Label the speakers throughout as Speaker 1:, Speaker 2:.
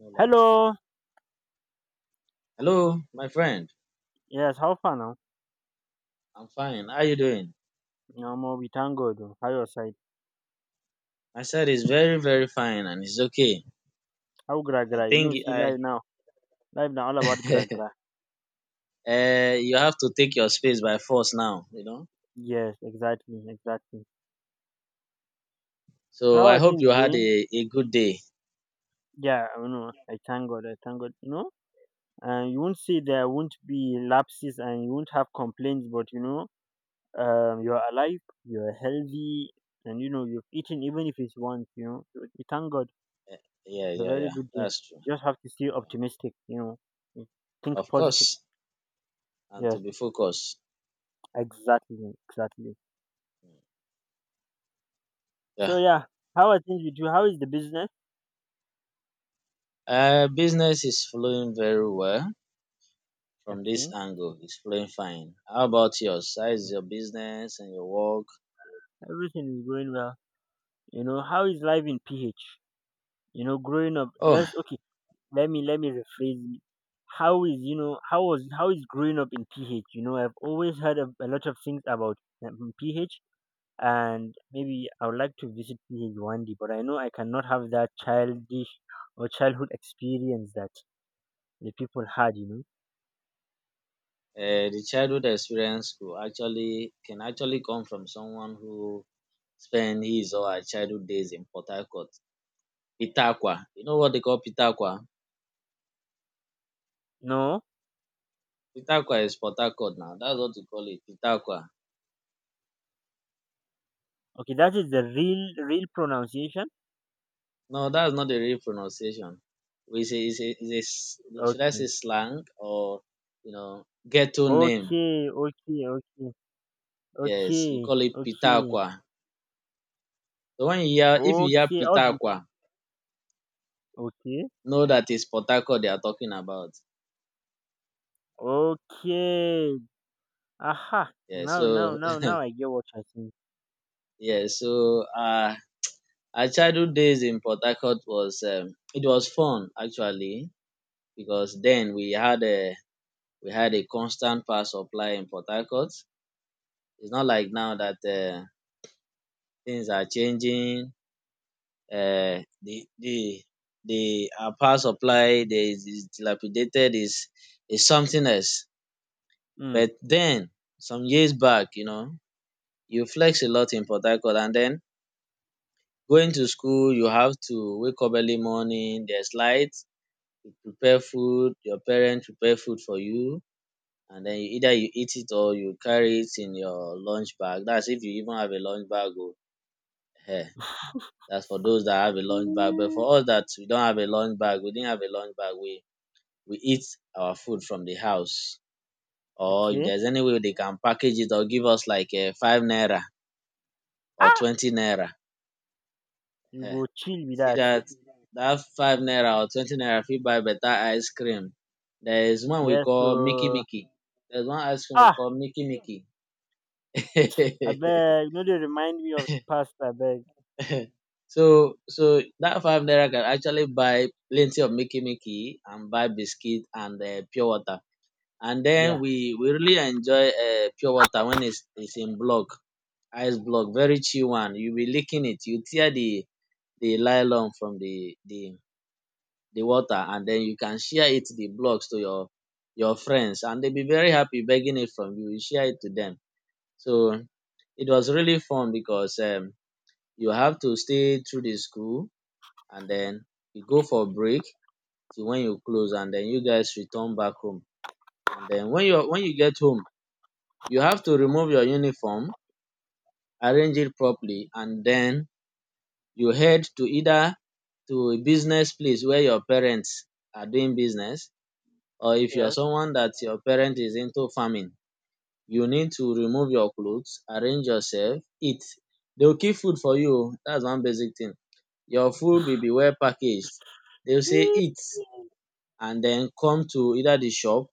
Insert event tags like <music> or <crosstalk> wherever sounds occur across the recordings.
Speaker 1: No light.
Speaker 2: Hello.
Speaker 1: Hello, my friend.
Speaker 2: Yes, how far now?
Speaker 1: I'm fine. How you doing?
Speaker 2: No more, we thank God. Oh. How your side?
Speaker 1: My side is very, very fine and it's okay.
Speaker 2: How gra
Speaker 1: I
Speaker 2: gra? You know,
Speaker 1: think
Speaker 2: see
Speaker 1: I
Speaker 2: live now. Live now all about gra gra.
Speaker 1: <laughs> you have to take your space by force now, you know.
Speaker 2: Yes, exactly, exactly. So
Speaker 1: So
Speaker 2: how
Speaker 1: I
Speaker 2: are
Speaker 1: hope
Speaker 2: things
Speaker 1: you had
Speaker 2: going?
Speaker 1: a good day.
Speaker 2: Yeah, I know. I thank God. I thank God. You know, you won't say there won't be lapses and you won't have complaints, but you know, you're alive, you're healthy, and you know you've eaten even if it's once. You know, so we thank God.
Speaker 1: Yeah,
Speaker 2: It's a
Speaker 1: yeah,
Speaker 2: very
Speaker 1: yeah.
Speaker 2: good day.
Speaker 1: That's true.
Speaker 2: You just have to stay
Speaker 1: Yeah.
Speaker 2: optimistic. You know, think
Speaker 1: Of
Speaker 2: positive.
Speaker 1: course. And
Speaker 2: Yes,
Speaker 1: to be focused.
Speaker 2: exactly, exactly. So
Speaker 1: Yeah.
Speaker 2: yeah, how are things with you? How is the business?
Speaker 1: Business is flowing very well from
Speaker 2: Okay.
Speaker 1: this angle. It's flowing fine. How about yours? How is your business and your work?
Speaker 2: Everything is going well. You know, how is life in PH? You know, growing up.
Speaker 1: Oh,
Speaker 2: Let's okay. Let me rephrase it. How is growing up in PH? You know, I've always heard a lot of things about PH, and maybe I would like to visit PH one day, but I know I cannot have that childish or childhood experience that the people had. You
Speaker 1: um the childhood experience could actually can actually come from someone who spend his or her childhood days in Port Harcourt. Peter. You know what they call Peter Aqua?
Speaker 2: know, no.
Speaker 1: Is Port Harcourt now. That's what we call it, Peter.
Speaker 2: Okay, that is the real real pronunciation.
Speaker 1: No, that's not the real pronunciation. We say is a, it's a should I say
Speaker 2: Okay.
Speaker 1: slang or you know ghetto name?
Speaker 2: Okay, okay, okay,
Speaker 1: Yes, we
Speaker 2: okay,
Speaker 1: call it Peter.
Speaker 2: okay,
Speaker 1: So when you hear if you hear
Speaker 2: okay. I was
Speaker 1: Peter,
Speaker 2: be- okay,
Speaker 1: know that it's Port Harcourt they are talking about.
Speaker 2: okay. Aha!
Speaker 1: Yeah,
Speaker 2: Now, now,
Speaker 1: so
Speaker 2: now, now I get what you're saying.
Speaker 1: <laughs> yeah, so our childhood days in Port Harcourt was it was fun actually because then we had a constant power supply in Port Harcourt. It's not like now that things are changing. The the our power supply there is dilapidated, is something else.
Speaker 2: Mm.
Speaker 1: But then some years back, you know, you flex a lot in Port Harcourt, and then going to school you have to wake up early morning, there's light, you prepare food, your parent prepare food for you, and den either you eat it or you carry it in your lunch bag. That's if you even have a lunch bag oh. Ehen, dats for those that have a lunch bag, but for
Speaker 2: Mm,
Speaker 1: us that we didn't have a lunch bag, we eat our food from the house, or if
Speaker 2: okay.
Speaker 1: there's any way dey can package it or give us like a five naira or
Speaker 2: Ah,
Speaker 1: 20 naira.
Speaker 2: you
Speaker 1: Eh,
Speaker 2: go chill
Speaker 1: you
Speaker 2: with
Speaker 1: see
Speaker 2: that.
Speaker 1: that five naira or 20 naira fit buy better ice cream. There is one we
Speaker 2: Yes.
Speaker 1: call Mickey
Speaker 2: So
Speaker 1: Mickey. There's one ice cream we
Speaker 2: ah,
Speaker 1: call Mickey Mickey.
Speaker 2: I beg. No, they remind me of the past. I beg.
Speaker 1: <laughs> So that five naira can actually buy plenty of Mickey Mickey and buy biscuit and pure water. And then
Speaker 2: Yeah.
Speaker 1: we really enjoy pure water when it's in block, ice block, very chill one. You be licking it, you tear the nylon from the water, and then you can share it the blocks to your friends, and they'll be very happy begging it from you. You share it to them. So it was really fun because you have to stay through the school and then you go for break till when you close, and then you guys return back home. And then when you get home, you have to remove your uniform, arrange it properly, and then you head to either to a business place where your parents are doing business, or if you are
Speaker 2: Yes.
Speaker 1: someone that your parent is into farming, you need to remove your clothes, arrange yourself, eat. They will keep food for you o. That's one basic thing. Your food will be well packaged. They will say
Speaker 2: Mm.
Speaker 1: eat and then come to either the shop,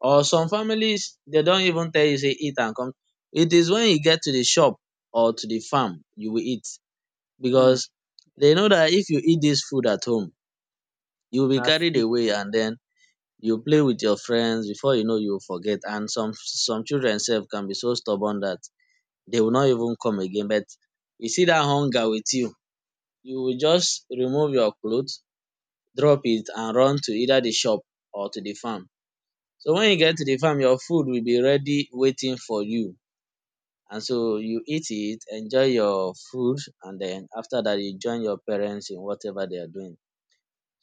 Speaker 1: or some families they don't even tell you say eat and come. It is when you get to the shop or to the farm you will eat,
Speaker 2: Mm.
Speaker 1: because they know that if you eat this food at home, you will be
Speaker 2: Now
Speaker 1: carried
Speaker 2: sleep.
Speaker 1: away and then. You play with your friends before you know you forget, and some children sef can be so stubborn that they will not even come again, but you see dat hunger with you, you will just remove your cloth, drop it and run to either the shop or to the farm. So when you get to the farm your food will be ready waiting for you, and so you eat it, enjoy your food, and then after that you join your parents in whatever they are doing.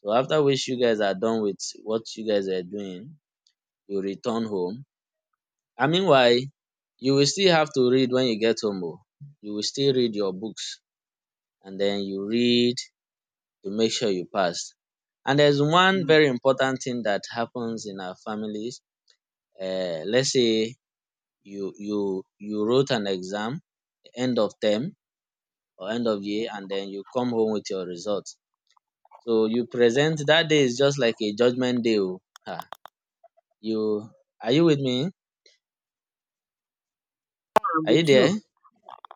Speaker 1: So after which you guys are done with what you guys are doing, you return home. And meanwhile, you will still have to read when you get home oh. You will still read your books, and then you read to make sure you pass. And there is one
Speaker 2: Mm.
Speaker 1: very important thing that happens in our families. Let's say you wrote an exam, end of term or end of year, and then you come home with your results. So you present that day is just like a judgement day oh. um you Are you with me?
Speaker 2: I'm
Speaker 1: Are you
Speaker 2: with
Speaker 1: there?
Speaker 2: you.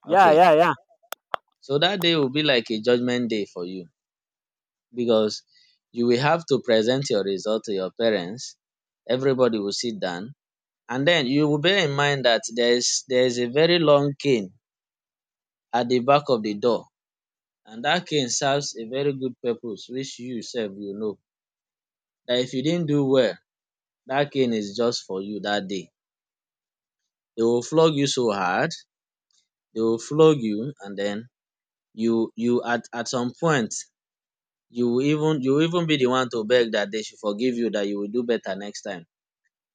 Speaker 2: Yeah,
Speaker 1: Okay.
Speaker 2: yeah, yeah,
Speaker 1: So that day will be like a judgement day for you, because you will have to present your result to your parents. Everybody will sit down. And then you will bear in mind that there is a very long cane at the back of the door. And that cane serves a very good purpose, which you yourself you know. That if you didn't do well, that cane is just for you that day. They will flog you so hard, they will flog you, and then you at some point you will even be the one to beg that they should forgive you, that you will do better next time.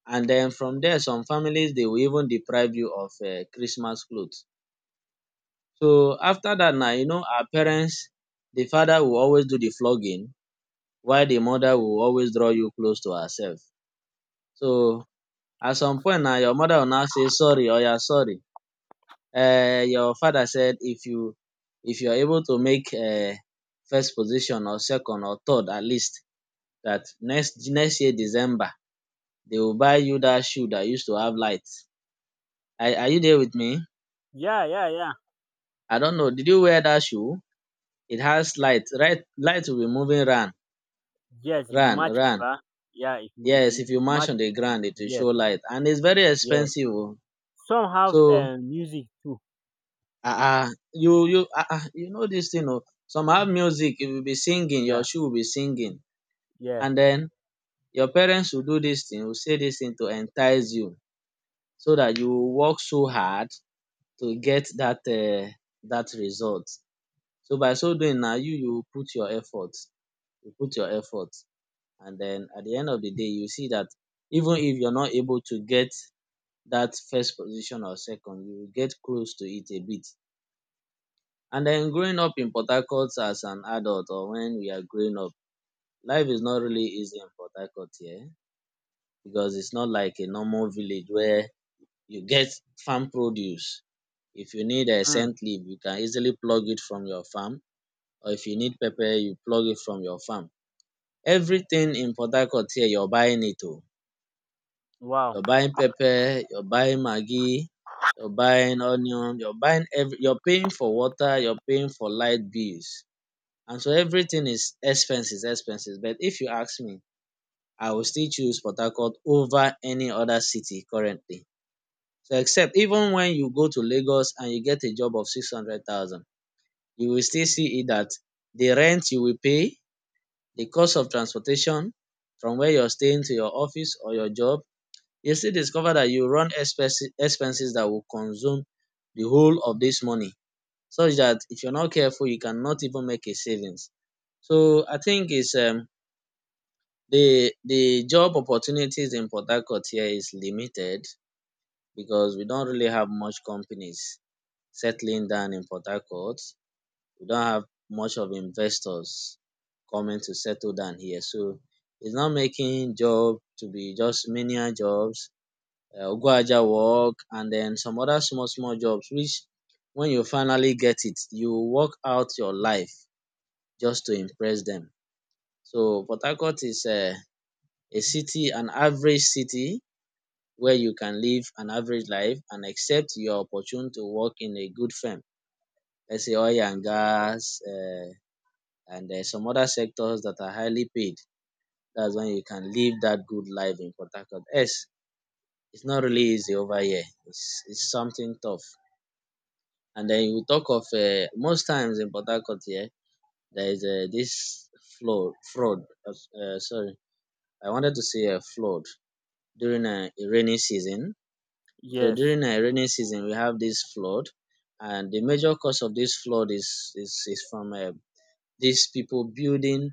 Speaker 1: And then from there some families they will even deprive you of Christmas clothes. So after that, now you know our parents. The father will always do the flogging, while the mother will always draw you close to herself. So at some point now your mother will now say sorry or oya sorry, your father said if you are able to make first position or second or third, at least that next next year December they will buy you that shoe that used to have lights. Are you there with me?
Speaker 2: yeah, yeah, yeah.
Speaker 1: I don't know. Did you wear that shoe? It has light. Right, light will be moving round,
Speaker 2: Yes, if you
Speaker 1: round,
Speaker 2: match it,
Speaker 1: round.
Speaker 2: ah. Yeah, if you, if you
Speaker 1: Yes,
Speaker 2: if
Speaker 1: if you
Speaker 2: you
Speaker 1: match
Speaker 2: match
Speaker 1: on the
Speaker 2: it,
Speaker 1: ground, it will
Speaker 2: Yeah.
Speaker 1: show light, and it's very
Speaker 2: Yeah.
Speaker 1: expensive. Oh.
Speaker 2: Some have
Speaker 1: So,
Speaker 2: music too.
Speaker 1: ah, you, you, ah, ah, you know this thing. Oh, some have music. You will be singing. Your
Speaker 2: Yeah.
Speaker 1: shoe will be singing,
Speaker 2: Yeah.
Speaker 1: and then your parents will do this thing. Will say this thing to entice you, so that you will work so hard to get that that result. So by so doing, now you put your effort. You put your effort. And then at the end of the day, you see that even if you're not able to get that first position or second, you will get close to it a bit. And then growing up in Port Harcourt as an adult or when we are growing up, life is not really easy in Port Harcourt here, because it's not like a normal village where you get farm produce. If you need a
Speaker 2: Mm.
Speaker 1: scent leaf, you can easily plug it from your farm. Or if you need pepper, you plug it from your farm. Everything in Port Harcourt here, you're buying it o.
Speaker 2: Wow.
Speaker 1: You're buying pepper, you're buying maggi, you're buying onion, you're buying every, you're paying for water, you're paying for light bills, and so everything is expenses expenses, but if you ask me I will still choose Port Harcourt over any other city currently. So except even when you go to Lagos and you get a job of 600,000, you will still see it that the rent you will pay, the cost of transportation from where you're staying to your office or your job, you still discover that you run expenses expenses that will consume the whole of this money, such that if you're not careful you cannot even make a savings. So I think it's the job opportunities in Port Harcourt here is limited, because we don't really have much companies settling down in Port Harcourt. We don't have much of investors coming to settle down here. So it's not making job to be just menial jobs, Ogbuaja work and then some other small small jobs, which when you finally get it you work out your life just to impress them. So Port Harcourt is a city, an average city where you can live an average life and accept your opportunity to work in a good firm, let's say oil and gas and some other sectors that are highly paid. That's when you can live that good life in Port Harcourt. Yes, it's not really easy over here. It's something tough. And then we talk of most times in Port Harcourt here there is dis flood fraud sorry I wanted to say a flood during a rainy season. So
Speaker 2: Yes.
Speaker 1: during a rainy season we have this flood, and the major cause of this flood is from dis pipu building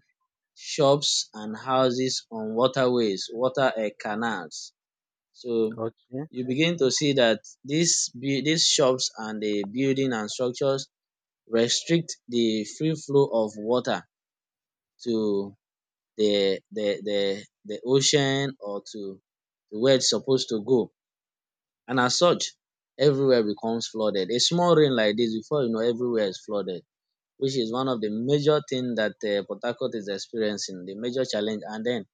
Speaker 1: shops and houses on waterways, water canals. So
Speaker 2: Okay.
Speaker 1: you begin to see dat dis these shops and the building and structures restrict the free flow of water to the ocean, or to where it's supposed to go. And as such, everywhere becomes flooded. A small rain like this, before you know everywhere is flooded, which is one of the major things that Port Harcourt is experiencing, the major challenge. And then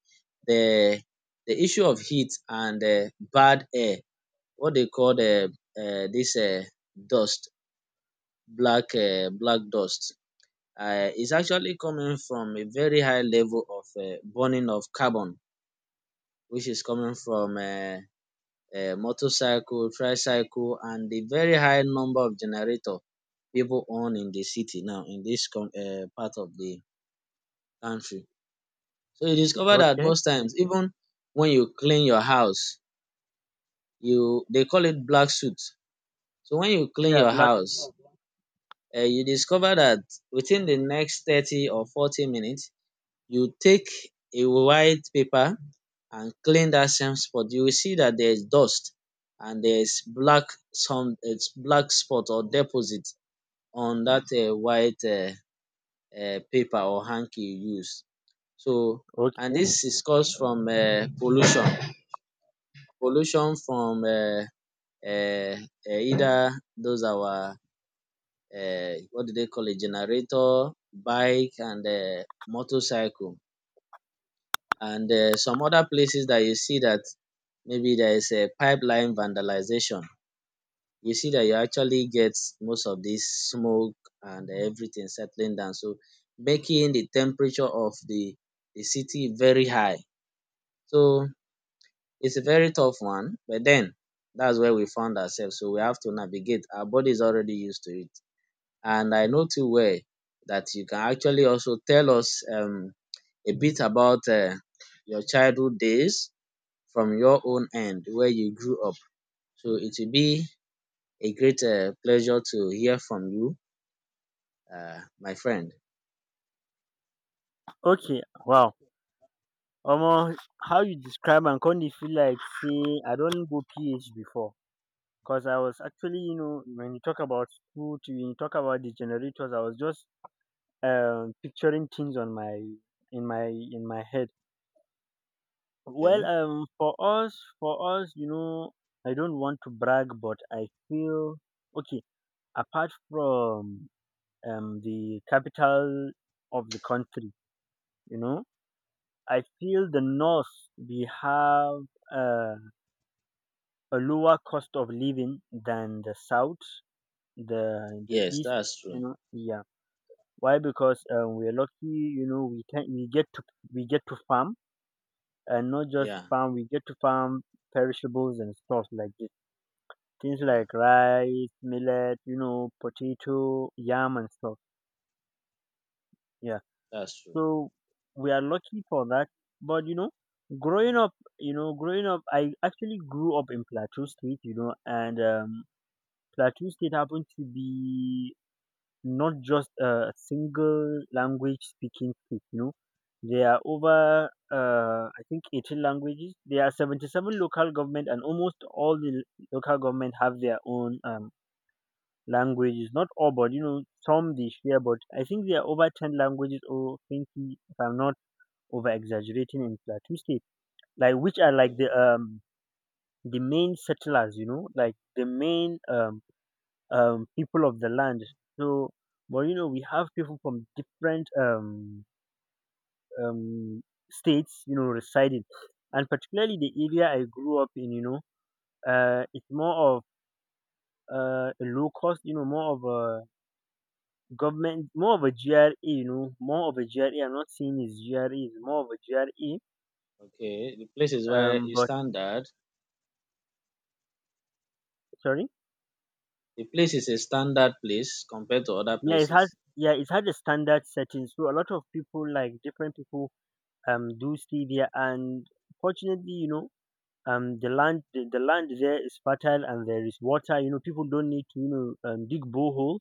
Speaker 1: the the issue of heat and bad air, what they call the dis dust, black black dust is actually coming from a very high level of burning of carbon, which is coming from motorcycle, tricycle, and the very high number of generator people own in the city now in this part of the country. So you discover that
Speaker 2: Okay.
Speaker 1: most times, even when you clean your house, you they call it black soot. So when you clean
Speaker 2: Yeah.
Speaker 1: your
Speaker 2: Black.
Speaker 1: house, you discover that within the next 30 or 40 minutes, you take a white paper and clean that same spot, you will see that there is dust and there is black, some it's black spot or deposit on that white paper or hanky you use. So and
Speaker 2: Okay.
Speaker 1: this is caused from pollution, pollution from either those our what do they call it, generator, bike and motorcycle and some other places that you see that maybe there is a pipeline vandalization. You see that you actually get most of this smoke and everything settling down, so making the temperature of the city very high. So it's a very tough one, but then that's where we found ourselves. So we have to navigate. Our body is already used to it. And I know too well that you can actually also tell us a bit about your childhood days from your own end, where you grew up. So it will be a great pleasure to hear from you my friend.
Speaker 2: Okay. Wow. Almost how you describe and kind of feel like say I don't go PH before. Cause I was actually, you know, when you talk about food, when you talk about the generators, I was just picturing things on my in my in my head. Well,
Speaker 1: Okay.
Speaker 2: for us, you know, I don't want to brag, but I feel okay, apart from the capital of the country, you know, I feel the north we have uh, a lower cost of living than the south, the
Speaker 1: Yes,
Speaker 2: east,
Speaker 1: that's
Speaker 2: you
Speaker 1: true.
Speaker 2: know. Yeah, why? Because we're lucky, you know. We get to farm, and not just
Speaker 1: Yeah,
Speaker 2: farm. We get to farm perishables and stuff like this. Things
Speaker 1: yeah,
Speaker 2: like rice, millet, you know, potato, yam, and stuff. Yeah.
Speaker 1: that's true.
Speaker 2: So we are lucky for that. But you know, growing up, growing up, I actually grew up in Plateau State, you know, and Plateau State happened to be not just a single language speaking state, you know. There are over, I think, 18 languages. There are 77 local government, and almost all the local government have their own languages. Not all, but you know, some they share. But I think there are over 10 languages or 20, if I'm not over exaggerating in Plateau State, like which are like the
Speaker 1: Okay.
Speaker 2: um the main settlers, you know, like the main people of the land. So but you know we have people from different um states, you know, residing, and particularly the area I grew up in, you know, it's more of a low cost, you know, more of a government, more of a GRA, you know, more of a GRA. I'm not saying it's GRA, it's more of a GRA.
Speaker 1: Okay. The place is where
Speaker 2: Um,
Speaker 1: it's
Speaker 2: but
Speaker 1: standard.
Speaker 2: sorry.
Speaker 1: The place is a standard place compared to other
Speaker 2: yeah it has
Speaker 1: places.
Speaker 2: yeah, it has a standard setting, so a lot of people, like different people, do stevia. And fortunately, you know, the land there is fertile, and there is water. You know, people don't need to, you know, dig borehole,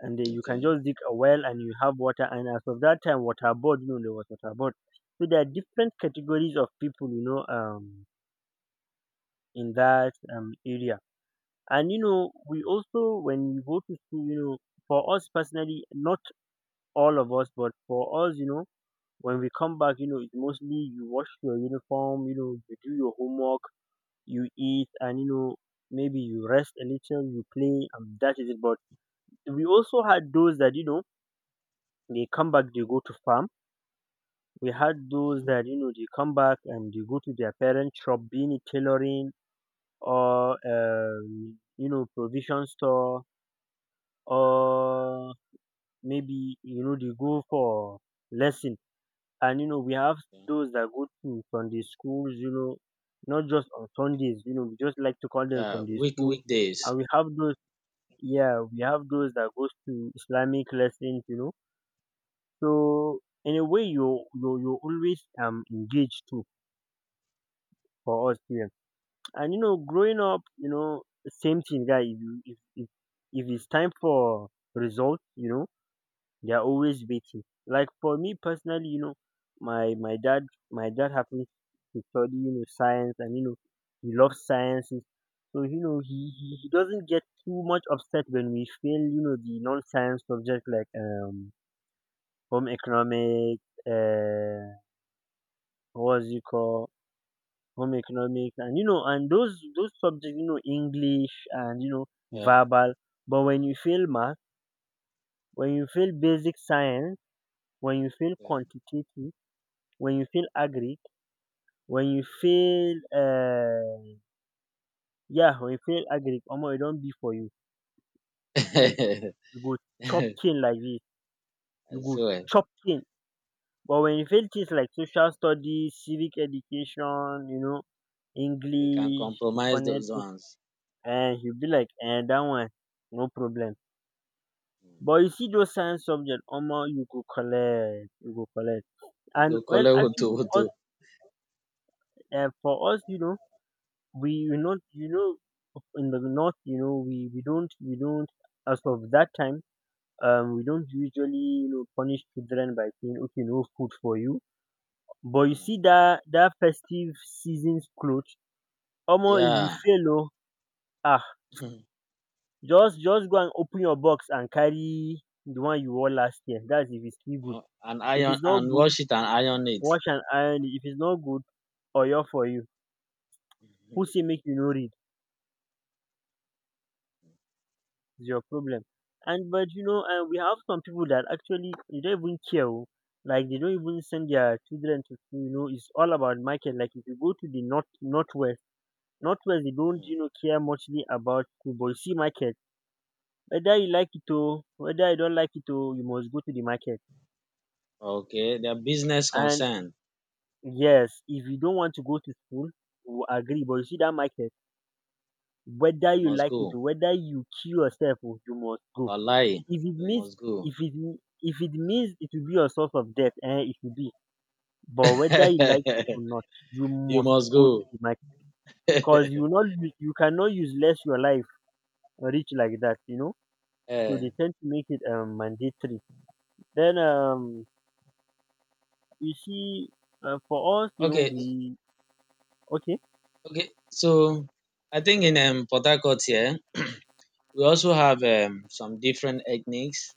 Speaker 2: and then you can
Speaker 1: Okay.
Speaker 2: just dig a well and you have water. And as of that time water board, you know, there was water board, so there are different categories of people, you know, in that area. And you know we also when you go to school, you know, for us personally, not all of us. But for us, you know, when we come back, you know, it's mostly you wash your uniform, you know, you do your homework, you eat, and you know, maybe you rest a little, you play, and that is it. But we also had those that you know they come back, they go to farm. We had those
Speaker 1: Yeah.
Speaker 2: that you know they come back and they go to their parents' shop, being it tailoring or you know provision store, or maybe you know they go for lesson. And you know we have
Speaker 1: Yeah.
Speaker 2: those that go to Sunday schools, you know, not just on Sundays, you know. We just like to call them
Speaker 1: Yeah.
Speaker 2: Sunday
Speaker 1: Week
Speaker 2: schools. And
Speaker 1: weekdays.
Speaker 2: we have those, yeah, we have those that goes to Islamic lessons, you know. So in a way you always engaged too for us here. And you know, growing up, you know, same thing guy, if it's time for results, you know, they're always waiting. Like for me personally, you know, my my dad my dad happens to study, you know, science, and you know, he loves sciences. So, you know, he doesn't get too much upset when we fail, you know, the non science subject, like home economics, what was it called? Home economics, and you know, and those subjects, you know, English, and you know,
Speaker 1: Yeah.
Speaker 2: verbal. But when you fail math, when you fail basic science, when you fail
Speaker 1: Okay.
Speaker 2: quantitative, when you feel agric, when you feel yeah when you feel agric omo it don't be for you.
Speaker 1: <laughs>
Speaker 2: You go chop cane like this. You
Speaker 1: I
Speaker 2: go
Speaker 1: swear.
Speaker 2: chop cane. But when you feel things like social studies, civic education, you know,
Speaker 1: They can
Speaker 2: English,
Speaker 1: compromise those
Speaker 2: phonetics,
Speaker 1: ones.
Speaker 2: and you be like, and that one, no problem.
Speaker 1: Mm.
Speaker 2: But you see those science subject, omo, you go collect, you go collect.
Speaker 1: You go
Speaker 2: And
Speaker 1: call
Speaker 2: well,
Speaker 1: wutu
Speaker 2: actually,
Speaker 1: wutu.
Speaker 2: us for us, you know, we you not you know, in the north, you know, we don't, as of that time, we don't usually, you know, punish children by saying, okay, no food for you. But you
Speaker 1: Mm.
Speaker 2: see that that festive season's clothes, omo, if you
Speaker 1: Yeah.
Speaker 2: fail, oh, ah
Speaker 1: <laughs>
Speaker 2: just go and open your box and carry the one you wore last year. That's if it's still good.
Speaker 1: And
Speaker 2: If
Speaker 1: iron
Speaker 2: it's not
Speaker 1: and
Speaker 2: good,
Speaker 1: wash it and iron it.
Speaker 2: wash and iron it. If it's not good, oyo for you. Who
Speaker 1: Mhm.
Speaker 2: say make you no read? Is your problem. And but you know, we have some people that actually they don't even care. Oh. Like they don't even send their children to school. You know, it's all about market. Like if you go to the northwest, they don't
Speaker 1: Mm.
Speaker 2: you know care muchly about school, but you see market. Whether you like it or whether you don't like it, or you must go to the market.
Speaker 1: Okay. Their business
Speaker 2: And
Speaker 1: concern.
Speaker 2: yes, if you don't want to go to school, we agree. But you see that market, whether
Speaker 1: You
Speaker 2: you
Speaker 1: must
Speaker 2: like it or
Speaker 1: go.
Speaker 2: whether you kill yourself, oh, you must go.
Speaker 1: Wallahi,
Speaker 2: If it
Speaker 1: you
Speaker 2: means
Speaker 1: must go.
Speaker 2: it will be your source of death, eh, it will be. But whether you like it or not, you
Speaker 1: <laughs> You
Speaker 2: must
Speaker 1: must
Speaker 2: go to
Speaker 1: go.
Speaker 2: the market
Speaker 1: <laughs>
Speaker 2: because you will not u- you cannot use less your life rich like that, you know. So they
Speaker 1: Eh,
Speaker 2: tend to make it mandatory. Then you see, for us, you know,
Speaker 1: okay,
Speaker 2: we okay.
Speaker 1: okay. So I think in Port Harcourt here, we also have some different ethnics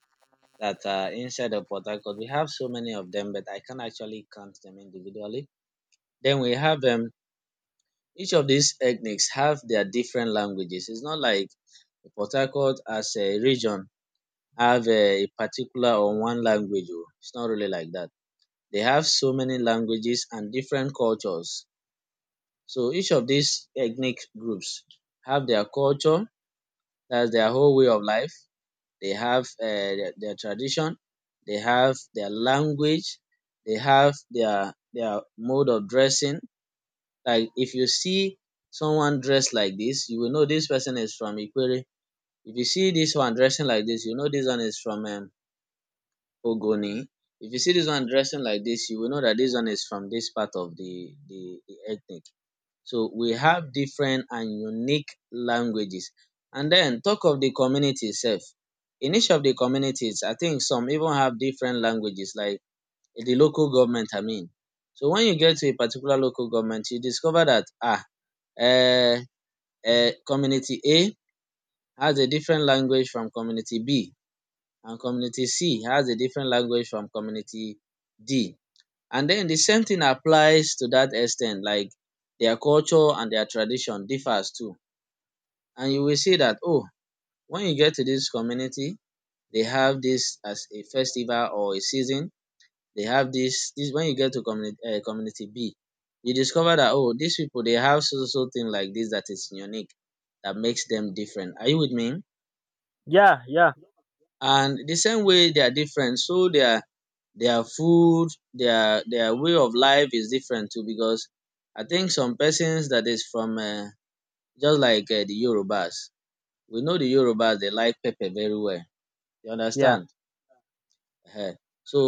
Speaker 1: that are inside of Port Harcourt. We have so many of them, but I can actually count them individually. Then we have each of these ethnics have their different languages. It's not like Port Harcourt as a region have eh, a particular or one language. Oh, it's not really like that. They have so many languages and different cultures. So each of these ethnic groups have their culture, that's their whole way of life. They have their tradition, they have their language, they have their mode of dressing. Like if you see someone dressed like this, you will know this person is from Ikwere. If you see this one dressing like this, you know this one is from Ogoni. If you see this one dressing like this, you will know that this one is from this part of the ethnic. So, we have different and unique languages. And then, talk of the community itself. In each of the communities, I think some even have different languages, like the local government I mean. So, when you get to a particular local government, you discover that ah, um community A has a different language from community B, and community C has a different language from community D. And then the same thing applies to that extent. Like, their culture and their tradition differs too. And you will see that oh, when you get to this community they have this as a festival or a season, they have this when you get to community community B, you discover that oh, these people they have so so so thing like this that is unique, that makes them different. Are you with me?
Speaker 2: Yeah, yeah,
Speaker 1: And the same way they are different, so their food, their way of life is different too, because I think some persons that is from just like the Yorubas. We know the Yorubas, they like pepper very well, you
Speaker 2: yeah.
Speaker 1: understand? um So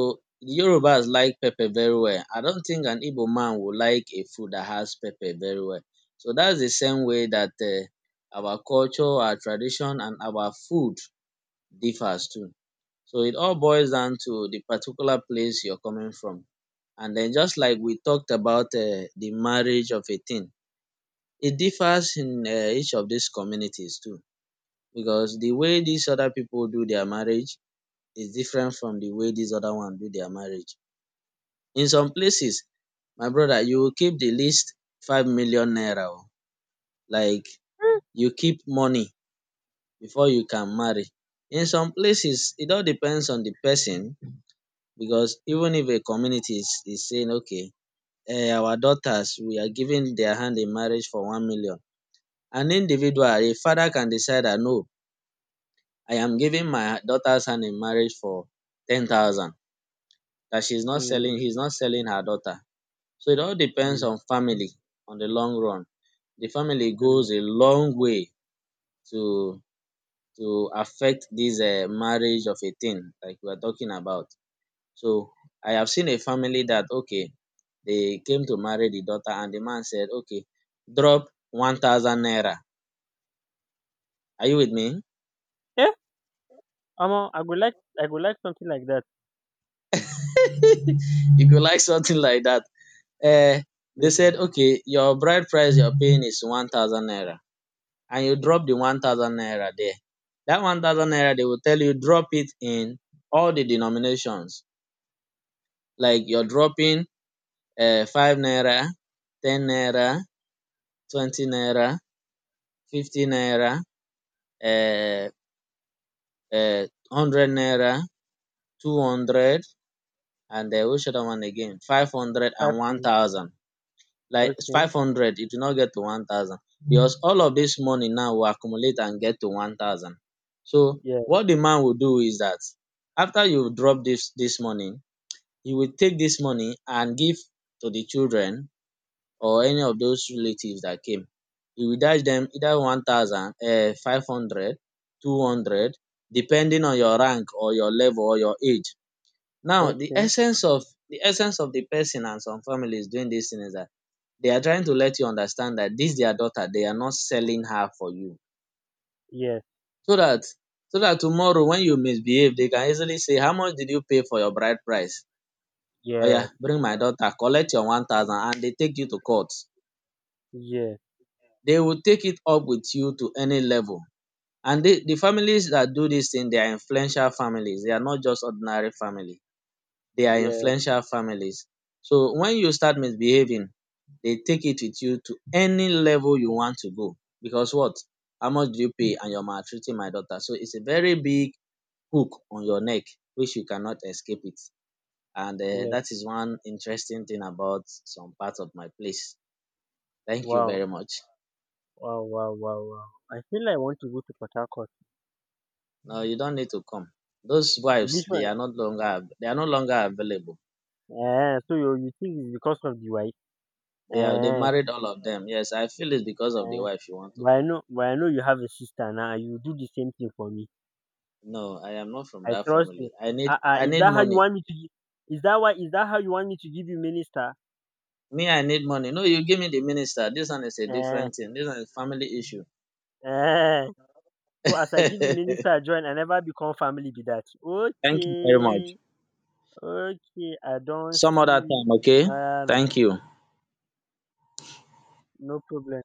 Speaker 1: the Yorubas like pepper very well. I don't think an Igbo man will like a food that has pepper very well. So that's the same way that our culture, our tradition and our food differs too. So it all boils down to the particular place you're coming from. And then just like we talked about the marriage of a thing, it differs in each of these communities too, because the way these other people do their marriage is different from the way these other one do their marriage. In some places my brother you will keep the least 5 million naira oo, like you keep money before you can marry. In some places it all depends on the person, because even if a community is saying okay, um our daughters, we are giving their hand in marriage for 1 million. An individual, a father can decide that no, I am giving my daughter's hand in marriage for 10,000, that she's not selling,
Speaker 2: Mm,
Speaker 1: he's not selling her daughter. So it all depends
Speaker 2: mm,
Speaker 1: on family, on the long run. The family
Speaker 2: mm.
Speaker 1: goes a long way to to affect this marriage of a thing like we are talking about. So I have seen a family that okay, they came to marry the daughter, and the man said, okay, drop 1,000 naira. Are you with me?
Speaker 2: Yeah, omo, I would like something like that.
Speaker 1: <laughs> You could like something like that. Eh, they said,
Speaker 2: Okay.
Speaker 1: okay, your bride price you're paying is 1,000 naira, and you drop the 1,000 naira there. That 1,000 naira, they will tell you, drop it in all the denominations. Like you're dropping 5 naira, 10 naira, 20 naira, 50 naira, uh, 100 naira, 200, and um, which other one again? Five hundred
Speaker 2: Five
Speaker 1: and one
Speaker 2: hundred.
Speaker 1: thousand. Like
Speaker 2: Okay.
Speaker 1: 500, it will not get to 1,000, because all of dis money now will accumulate and get to 1,000. So
Speaker 2: Yeah.
Speaker 1: what the man will do is dat after you drop dis money, you will take dis money and give to the children or any of those relatives dat came. You will dash dem either 1,000, um, 500, 200, depending on your rank or your level or your age. Now the
Speaker 2: Okay.
Speaker 1: essence of, the essence of the person and some families doing dis thing is dat they are trying to let you understand dat dis their daughter, they are not selling her for you.
Speaker 2: Yes.
Speaker 1: So dat, so dat tomorrow when you misbehave they can easily say, how much did you pay for your bride price? Oya,
Speaker 2: Yeah.
Speaker 1: bring my daughter, collect your 1,000, and dey take you to court.
Speaker 2: Yeah,
Speaker 1: They will take it up with you to any level. And they, the families dat do dis thing, they are influential families. They are not just ordinary family, they are
Speaker 2: yeah,
Speaker 1: influential families. So when you start misbehaving, they take it with you to any level you want to go. Because what? How much do you pay and you're maltreating my daughter? So it's a very big hook on your neck which you cannot escape it. And um,
Speaker 2: yes.
Speaker 1: that is one interesting thing about some part of my place. Thank you
Speaker 2: Wow,
Speaker 1: very much.
Speaker 2: wow, wow, wow, wow. I feel like I want to go to Port Harcourt.
Speaker 1: No, you don't need to come. Those wives,
Speaker 2: Which
Speaker 1: they
Speaker 2: one?
Speaker 1: are not longer av- they are no longer available.
Speaker 2: Eh, so you think it's because of the wife?
Speaker 1: They are they've
Speaker 2: Eh,
Speaker 1: married all of them. Yes, I feel it's because of the
Speaker 2: eh.
Speaker 1: wife you want to come.
Speaker 2: But I know you have a sister now. And you do the same thing for me.
Speaker 1: No, I am not from
Speaker 2: I
Speaker 1: that
Speaker 2: trust you.
Speaker 1: family.
Speaker 2: Uh, uh,
Speaker 1: I
Speaker 2: is
Speaker 1: need
Speaker 2: that how you
Speaker 1: money.
Speaker 2: want me to? Is that why? Is that how you want me to give you minister?
Speaker 1: Me, I need money. No, you give me the minister. This one is a
Speaker 2: Eh,
Speaker 1: different thing. This one is family issue.
Speaker 2: eh.
Speaker 1: <laughs>
Speaker 2: So as I give you
Speaker 1: Thank
Speaker 2: minister join, I never become family be that.
Speaker 1: you very
Speaker 2: Okay,
Speaker 1: much.
Speaker 2: okay. I don't
Speaker 1: Some other
Speaker 2: see.
Speaker 1: time, okay?
Speaker 2: Ah, no,
Speaker 1: Thank you.
Speaker 2: no problem.